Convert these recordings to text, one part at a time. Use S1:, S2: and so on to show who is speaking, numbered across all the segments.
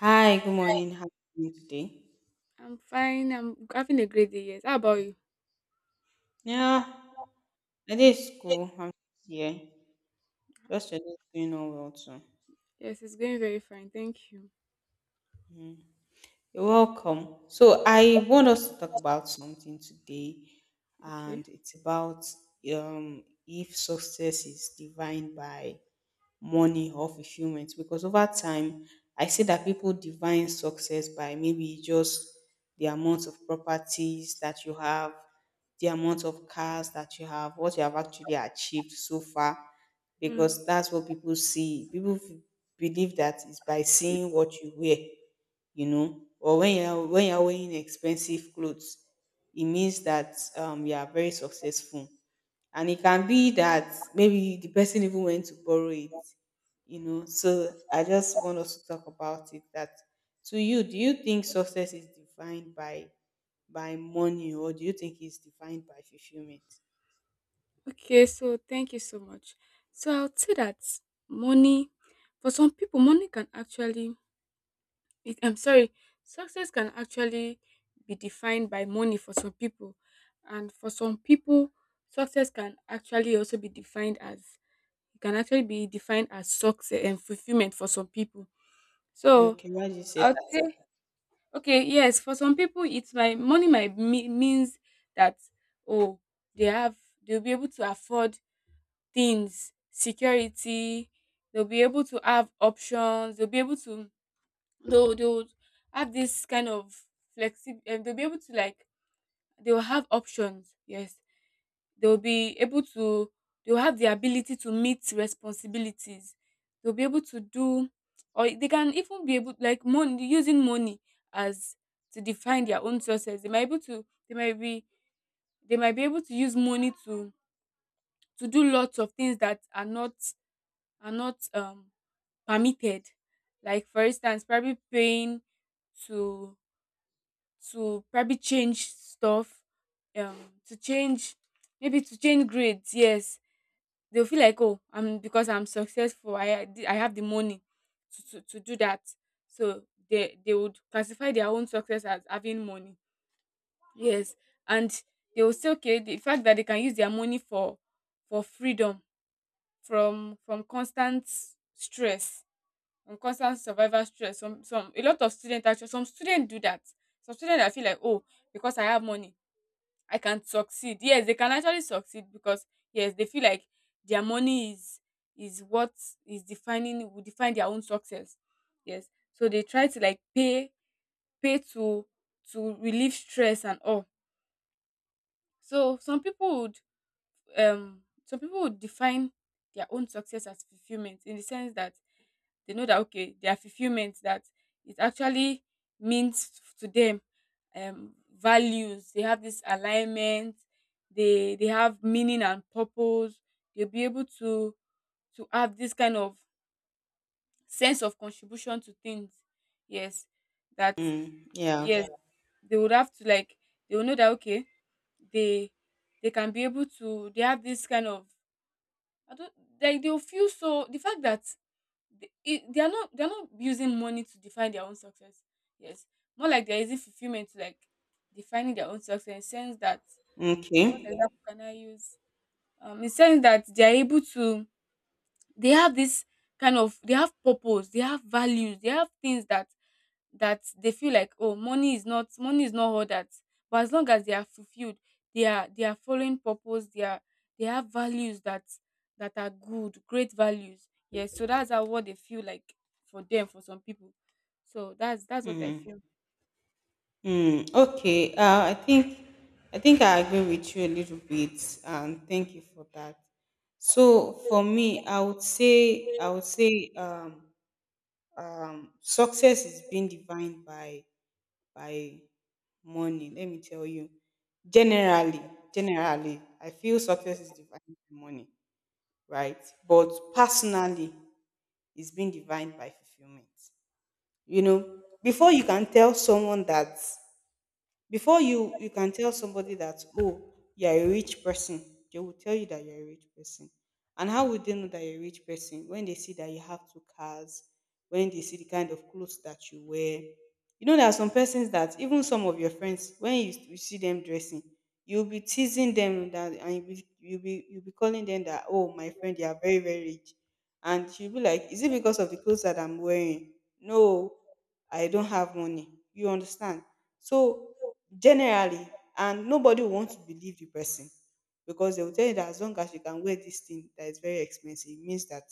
S1: Hi, good morning. How are you doing today?
S2: I'm fine. I'm having a great day. Yes. How about you?
S1: Yeah, I did school. I'm just here. Just today is going on well too.
S2: Yes, it's going very fine. Thank you.
S1: Hmm. You're welcome. So I want us to talk about something today,
S2: Okay.
S1: and it's about if success is defined by money or fulfillment. Because over time, I see that people define success by maybe just the amount of properties that you have, the amount of cars that you have, what you have actually achieved so far.
S2: Mm.
S1: Because that's what people see. Believe that it's by seeing what you wear, you know, or when you're wearing expensive clothes, it means that you are very successful. And it can be that maybe the person even went to borrow it, you know. So I just want us to talk about it. That to you, do you think success is defined by money, or do you think it's defined by fulfillment?
S2: Okay. So thank you so much. So I'll say that money, for some people, money can actually. It, I'm sorry. Success can actually be defined by money for some people, and for some people, success can actually also be defined as it can actually be defined as success and fulfillment for some people. So
S1: Okay, why did you say
S2: I'll say
S1: that?
S2: Okay, yes, for some people it's my money might means that oh they have they'll be able to afford things, security, they'll be able to have options, they'll be able to they'll have this kind of flexi, and they'll be able to like they'll have options, yes they'll be able to they'll have the ability to meet responsibilities, they'll be able to do, or they can even be able like money using money as to define their own sources, they might able to they might be able to use money to do lots of things that are not permitted, like for instance probably paying to to probably change stuff, um to change, maybe to change grades, yes. They'll feel like, "Oh, I'm because I'm successful, I have the money to do that." So they would classify their own success as having money. Yes, and they will say, okay, the fact that they can use their money for freedom from constant stress, from constant survival stress. Some a lot of students actually some students do that. Some students I feel like, oh, because I have money, I can succeed. Yes, they can actually succeed because yes, they feel like their money is what is defining will define their own success. Yes. So they try to like pay to relieve stress and all. So some people would define their own success as fulfillment, in the sense that they know that okay their fulfillment that it actually means to them values, they have this alignment, they have meaning and purpose, they'll be able to have this kind of sense of contribution to things, yes, that
S1: Mm, yeah.
S2: yes they would have to like they will know that okay they they can be able to they have this kind of I don't like they'll feel so the fact that they are not they're not using money to define their own success. Yes. More like there isn't using fulfillment to like defining their own success in sense that okay,
S1: Okay.
S2: what example can I use? In sense that they're able to they have this kind of they have purpose, they have values, they have things that that they feel like oh money is not all that but as long as they are fulfilled they are following purpose, they are they have values that that are good great values, yes, so that's how what they feel like for them for some people, so that's what I
S1: Mm.
S2: feel.
S1: Hmm. Okay. I think I agree with you a little bit, and thank you for that. So for me, I would say success is being defined by by money. Let me tell you, generally, I feel success is defined by money, right? But personally, it's being defined by fulfillment. You know, Before you can tell somebody that, oh, you're a rich person, they will tell you that you're a rich person. And how would they know that you're a rich person when they see that you have two cars, when they see the kind of clothes that you wear? You know, there are some persons that, even some of your friends, when you see them dressing, you'll be teasing them, that and you'll be calling them that, oh, my friend, you are very, very rich. And she'll be like, is it because of the clothes that I'm wearing? No, I don't have money, you understand? So, generally, and nobody will want to believe the person, because they will tell you that as long as you can wear this thing that is very expensive, it means that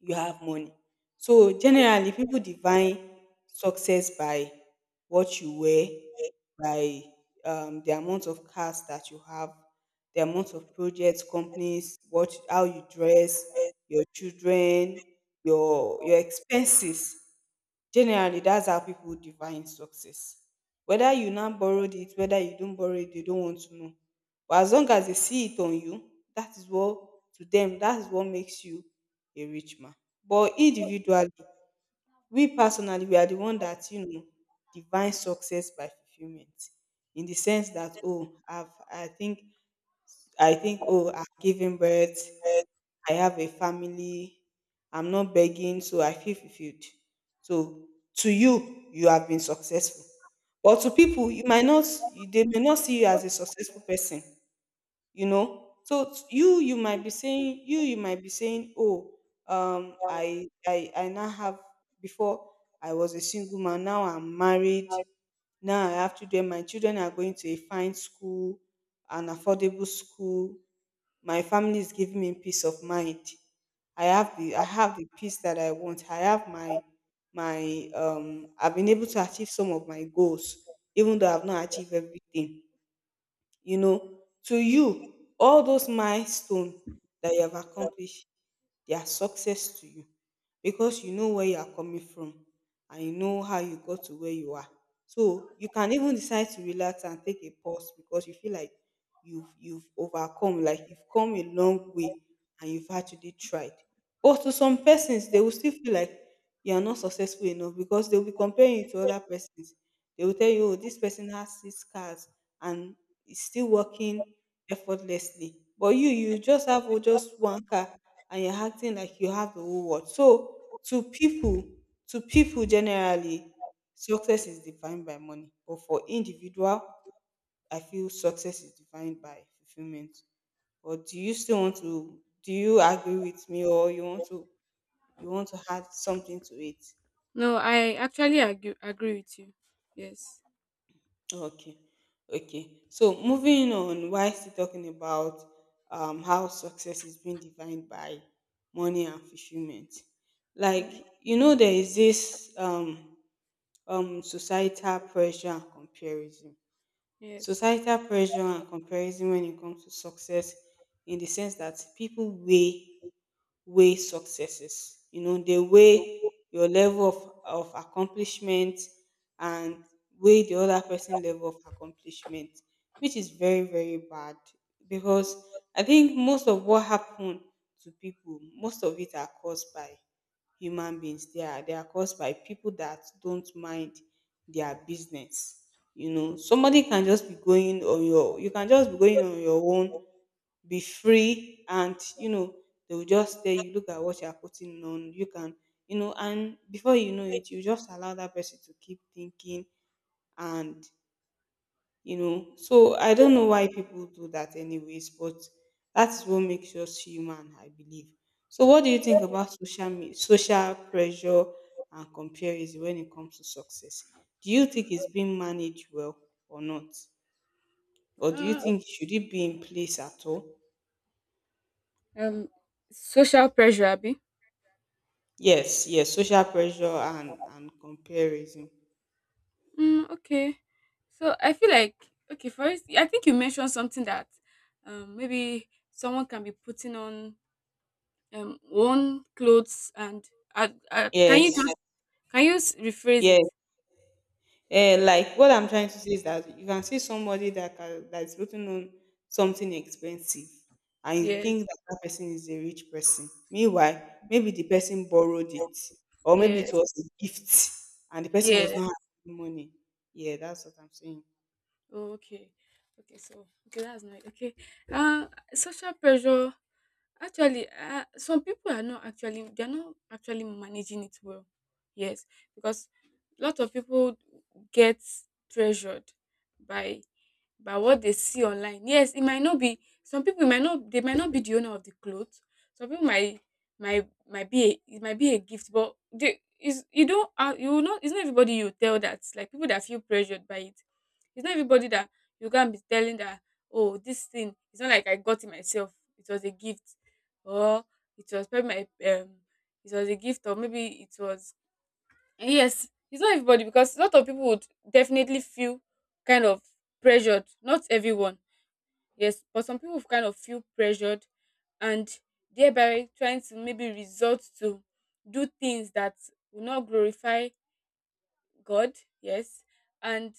S1: you have money. So generally, people define success by what you wear, by the amount of cars that you have, the amount of projects, companies, what how you dress, your children, your expenses. Generally, that's how people define success. Whether you now borrowed it, whether you don't borrow it, they don't want to know. But as long as they see it on you, that is what, to them, that is what makes you a rich man. But individually, we personally, we are the one that, you know, define success by fulfillment, in the sense that, oh, I've, I think, oh, I've given birth, I have a family, I'm not begging, so I feel fulfilled. So to you, you have been successful. But to
S2: Yeah.
S1: people, you might not, they may not see you as a successful person, you know. So it's, you might be saying, you might be saying, oh, I now have, before, I was a single man, now I'm married, now I have children, my children are going to a fine school, an affordable school, my family is giving me peace of mind, I have the peace that I want, I have my I've been able to achieve some of my goals, even though I've not achieved everything, you know. To you, all those milestones that you have accomplished, their success to you, because you know where you are coming from, and you know how you got to where you are. So you can even decide to relax and take a pause, because you feel like you've overcome, like you've come a long way, and you've actually tried. But to some persons, they will still feel like you are not successful enough, because they'll be comparing you to other persons. They will tell you, oh, this person has six cars and is still working effortlessly. But you just have, oh, just one car, and you're acting like you have the whole world. So to people, generally, success is defined by money. But for individual, I feel success is defined by fulfillment. Or do you still want to, do you agree with me, or you want to add something to it?
S2: No, I actually agree with you. Yes.
S1: Okay. Okay. So moving on, why still talking about how success is being defined by money and fulfillment?
S2: All
S1: Like,
S2: right.
S1: you know, there is this societal pressure and comparison.
S2: Yes.
S1: Societal pressure and comparison when it comes to success, in the sense that people weigh successes. You know, they weigh your level of accomplishment, and weigh the other person level of accomplishment, which is very, very bad, because I think most of what happened to people, most of it are caused by human beings. They are caused by people that don't mind their business. You know, somebody can just be going on your, you can just be going on your own, be free, and, you know, they will just tell you, look at what you're putting on. You can, you know, and before you know it, you just allow that person to keep thinking and, you know. So I don't know why people do that, anyways, but that's what makes us human, I believe. So, what do you think about social pressure and comparison when it comes to success? Do you think it's being managed well or not, or do you
S2: uh,
S1: think should it be in place at all?
S2: um Social pressure abi.
S1: Yes, yes, social pressure and comparison.
S2: Mm, okay. So I feel like okay, first, I think you mentioned something that maybe someone can be putting on one clothes, and can you
S1: Yes,
S2: just can you rephrase
S1: yes.
S2: it?
S1: Eh, like what I'm trying to say is that you can see somebody that that is putting on something expensive, and you think
S2: Yes,
S1: that that person is a rich person. Meanwhile, maybe the person borrowed it, or maybe
S2: yes,
S1: it was a gift, and the person does
S2: yes.
S1: not have the money. Yeah, that's what I'm saying.
S2: Oh, okay. Okay, so okay, that's nice. Okay. Uh Social pressure actually some people are not actually they're not actually managing it well. Yes, because a lot of people get pressured by by what they see online. Yes, it might not be some people might not they might not be the owner of the clothes. Some people might be a, it might be a gift, but they is you don't you will not it's not everybody you tell that like people that feel pressured by it. It's not everybody that you can be telling that oh this thing it's not like I got it myself. It was a gift or it was probably my it was a gift or maybe it was Yes, it's not everybody because a lot of people would definitely feel kind of pressured. Not everyone, yes, but some people kind of feel pressured, and thereby trying to maybe resort to do things that will not glorify God, yes, and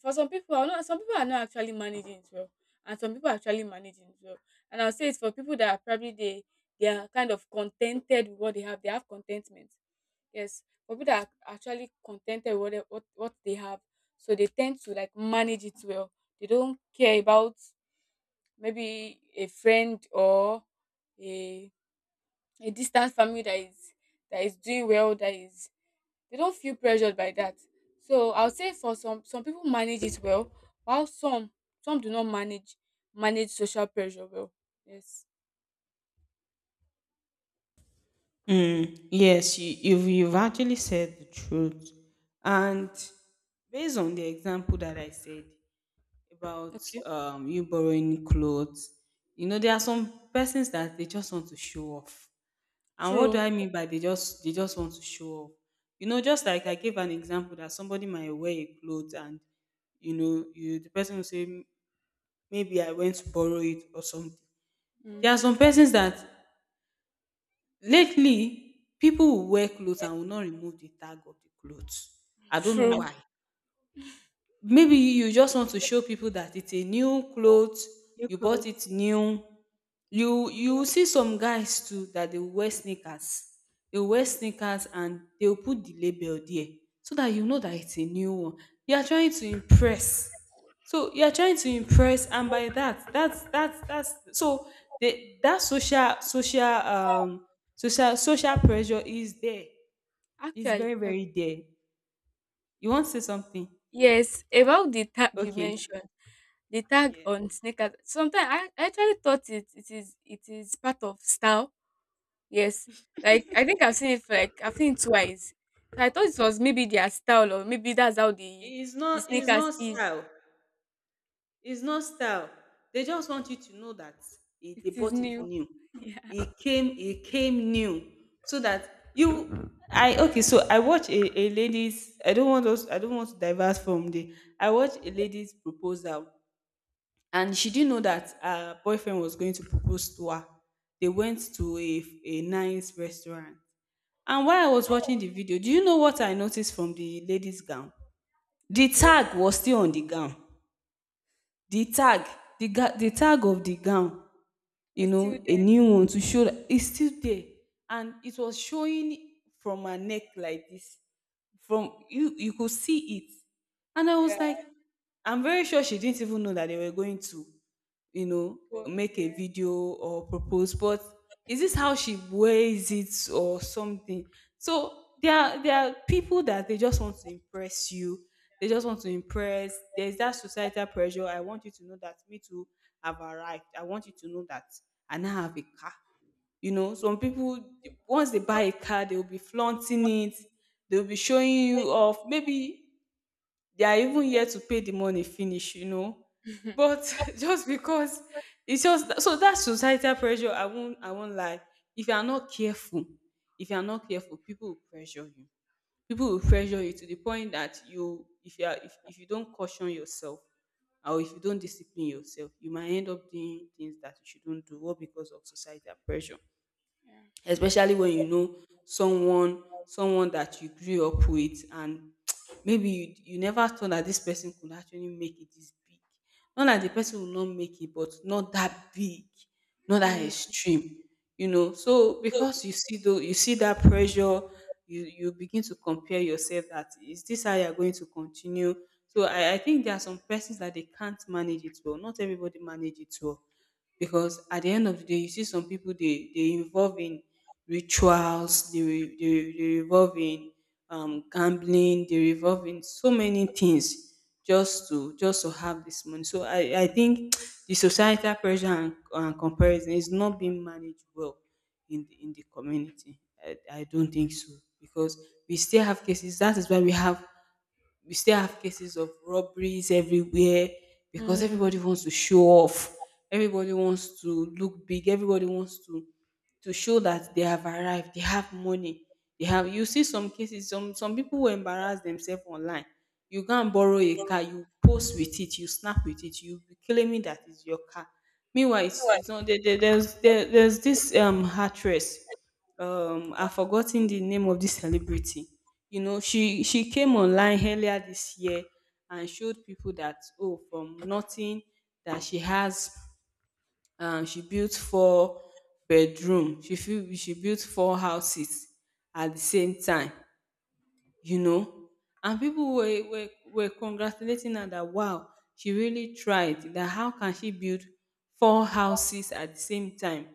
S2: for some people are not some people are not actually managing it well, and some people are actually managing it well, and I'll say it's for people that are probably they are kind of contented with what they have, they have contentment, yes, for people that are actually contented with what, what they have, so they tend to like manage it well, they don't care about maybe a friend or a a distant family that is doing well that is they don't feel pressured by that. So I will say for some people manage it well, while some do not manage social pressure well. Yes.
S1: Mm, yes, you've actually said the truth. And based on the example that I said, about
S2: Okay.
S1: you borrowing clothes. You know, there are some persons that they just want to show off. And what do
S2: True.
S1: I mean by they just want to show off? You know, just like I gave an example that somebody might wear a clothes and, you know, you the person will say, "Mm, maybe I went to borrow it or something." There are
S2: Hmm.
S1: some persons that lately people will wear clothes and will not remove the tag of the clothes. I don't know
S2: True.
S1: why. Maybe you just want to show people that it's a new clothes, you bought it new. You see some guys too that they wear sneakers, and they'll put the label there, so that you know that it's a new one. You are trying to impress. So you are trying to impress, and by that, that's so the, that social pressure is there. It's
S2: Actually,
S1: very, very there. You want to say something?
S2: yes. About the tag you
S1: Okay,
S2: mentioned, the tag
S1: yeah.
S2: on sneakers. Sometimes I actually thought it is it is part of style. Yes. Like I think I've seen it for, like I've seen it twice. So I thought it was maybe their style, or maybe that's how
S1: It's
S2: the
S1: not,
S2: sneakers is.
S1: style. It's not style. They just want you to know that it,
S2: It
S1: they
S2: is
S1: bought it
S2: new.
S1: new.
S2: Yeah.
S1: It came new. So that you, I, okay, so I watch a lady's, I don't want us, I don't want to diverse from the, I watch a lady's proposal, and she didn't know that her boyfriend was going to propose to her. They went to a nice restaurant. And while I was watching the video, do you know what I noticed from the lady's gown? The
S2: Okay,
S1: tag was still on the gown. The tag, the, the tag of the gown, you
S2: we're still
S1: know, a
S2: there.
S1: new one, to show that it's still there. And it was showing from her neck like this. From, you could see it. And I was
S2: Yeah,
S1: like, I'm very sure she didn't even know that they were going to, you know,
S2: propose.
S1: make a
S2: Yeah,
S1: video or propose. But is this how she wears it or something? So there are people that they just want to impress you. They just want to impress. There's that societal pressure. I want you to know that me too have arrived. I want you to know that. I now have a car. You know, some people, once they buy a car, they will be flaunting it, they'll be showing you off. Maybe they are even here to pay the money finish, you know. But just because it's just that, so that societal pressure, I won't, lie. If you are not careful, people will pressure you, to the point that you if you are if you don't caution yourself, or if you don't discipline yourself, you might end up doing things that you shouldn't do, all because of societal pressure.
S2: yeah.
S1: Especially when you know, someone that you grew up with, and maybe you never thought that this person could actually make it this big. Not that the person will not make it, but not that big, not that
S2: Mm,
S1: extreme. You know, so because you see, though you see that pressure, you begin to compare yourself, that is this how you're going to continue? So I think there are some persons that they can't manage it well. Not everybody manage it well, because at the end of the day you see some people, they involve in rituals, they revolve in gambling, they revolve in so many things, just to have this money. So I think the societal pressure and comparison is not being managed well in the community. I don't think so, because we still have cases. That is why we have, we still have cases of robberies everywhere, because everybody
S2: mm.
S1: wants to show off. Everybody wants to look big. Everybody wants to show that they have arrived, they have money, they have. You see some cases, some people will embarrass themselves online. You go and borrow a car, you post with it, you snap with it, you be claiming that it's your car. Meanwhile, it's not there, there's this actress. I've forgotten the name of this celebrity. You know, she came online earlier this year and showed people that, oh, from nothing, that she has, she built four bedroom, she built four houses at the same time, you know. And people were congratulating her, that wow, she really tried, that how can she build four houses at the same time?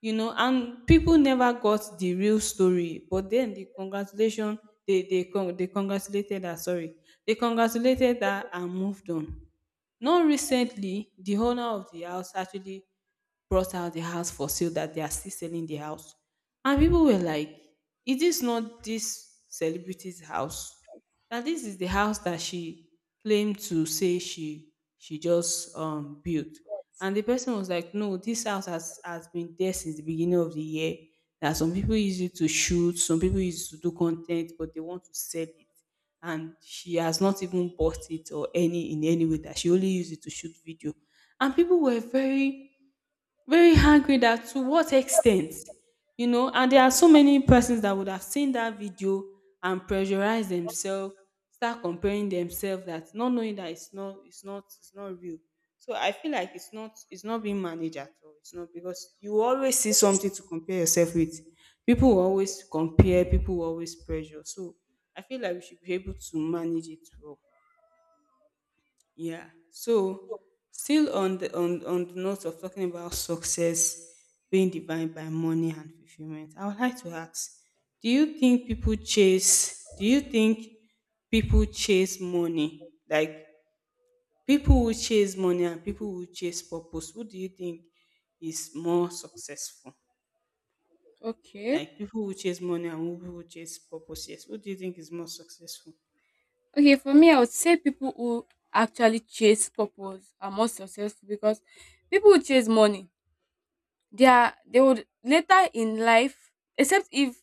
S1: You know, and people never got the real story, but then the congratulation, they congratulated her, sorry, they congratulated her and moved on. Not recently, the owner of the house actually brought out the house for sale, that they are still selling the house. And people were like, is this not this celebrity's house? That this is the house that she claimed to say she just built. And the person was like, no, this house has been there since the beginning of the year. That some people use it to shoot, some people use it to do content, but they want to sell it, and she has not even bought it or any in any way, that she only used it to shoot video. And people were very, very angry that to what extent. You know, and there are so many persons that would have seen that video and pressurize themselves, start comparing themselves, that not knowing that it's not real. So I feel like it's not being managed at all, it's not, because you always see something to compare yourself with. People
S2: Yeah.
S1: will always compare, people will always pressure. So I feel like we should be able to manage it well. Yeah. So still on the note of talking about success being defined by money and fulfillment, I would like to ask, do you think people chase money? Like people who chase money and people who chase purpose, who do you think is more successful?
S2: Okay.
S1: Like people who chase money and people who chase purpose, yes. Who do you think is more successful?
S2: Okay, for me, I would say people who actually chase purpose are more successful because people who chase money, they are they would later in life, except if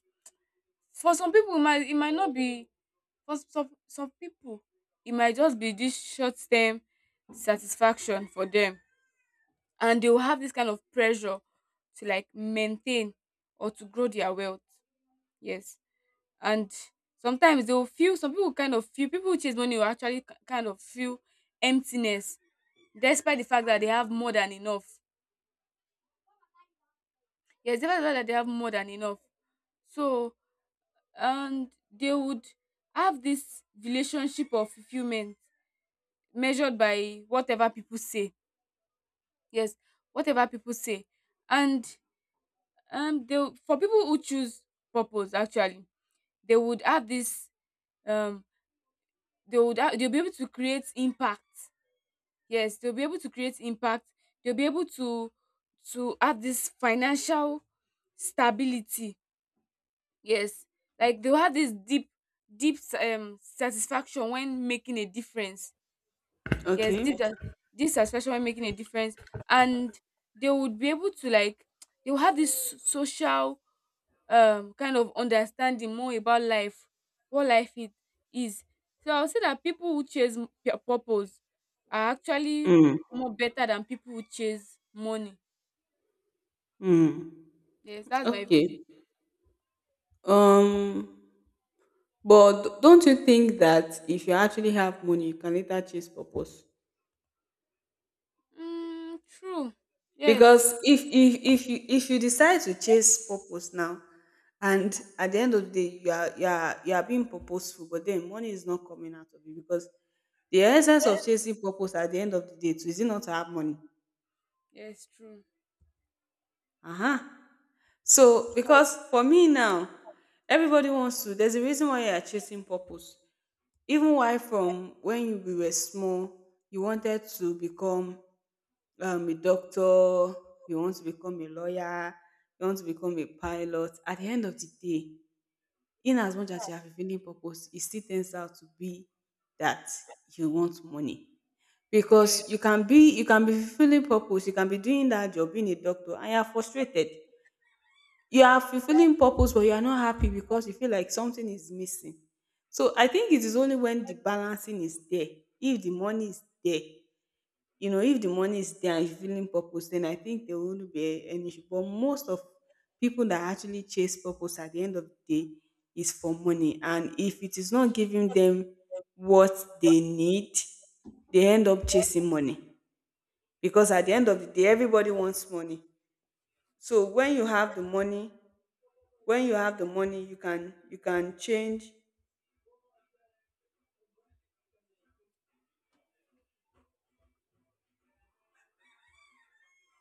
S2: for some people it might not be for some people, it might just be this short term satisfaction for them. And they will have this kind of pressure to like maintain or to grow their wealth. Yes, and sometimes they will feel some people kind of feel people who chase money will actually kind of feel emptiness despite the fact that they have more than enough. Yes, despite the fact that they have more than enough. So and they would have this relationship of fulfillment measured by whatever people say. Yes, whatever people say, and they for people who choose purpose actually they would have this um they would they'll be able to create impact, yes they'll be able to create impact, they'll be able to have this financial stability, yes, like they'll have this deep satisfaction when making a difference, yes
S1: Okay.
S2: deep satisfaction when making a difference, and they would be able to like they will have this social kind of understanding more about life, what life it is, so I'll say that people who chase their purpose are actually
S1: Mm.
S2: more better than people who chase money,
S1: Mm.
S2: yes that's my view.
S1: Okay. Um But don't you think that if you actually have money, you can later chase purpose?
S2: Mm, true. Yes.
S1: Because if you decide to chase purpose now, and at the end of the day you are being purposeful, but then money is not coming out of you, because the essence of chasing purpose at the end of the day too, is it not to have money?
S2: Yes, true.
S1: Uh-huh. So because for me now, everybody wants to. There's a reason why you are chasing purpose. Even while from when you we were small, you wanted to become a doctor, you want to become a lawyer, you want to become a pilot. At the end of the day, in as much as you are fulfilling purpose, it still turns out to be that you want money.
S2: Yeah.
S1: Because you can be fulfilling purpose, you can be doing that job, being a doctor, and you are frustrated, you are fulfilling purpose but you are not happy because you feel like something is missing. So I think it is only when the balancing is there, if the money is there, you know, if the money is there and you feeling purpose, then I think there won't be any issue. But most of people that actually chase purpose at the end of the day is for money, and if it is not giving them what they need, they end up chasing money, because at the end of the day everybody wants money. So when you have the money, you can, you can change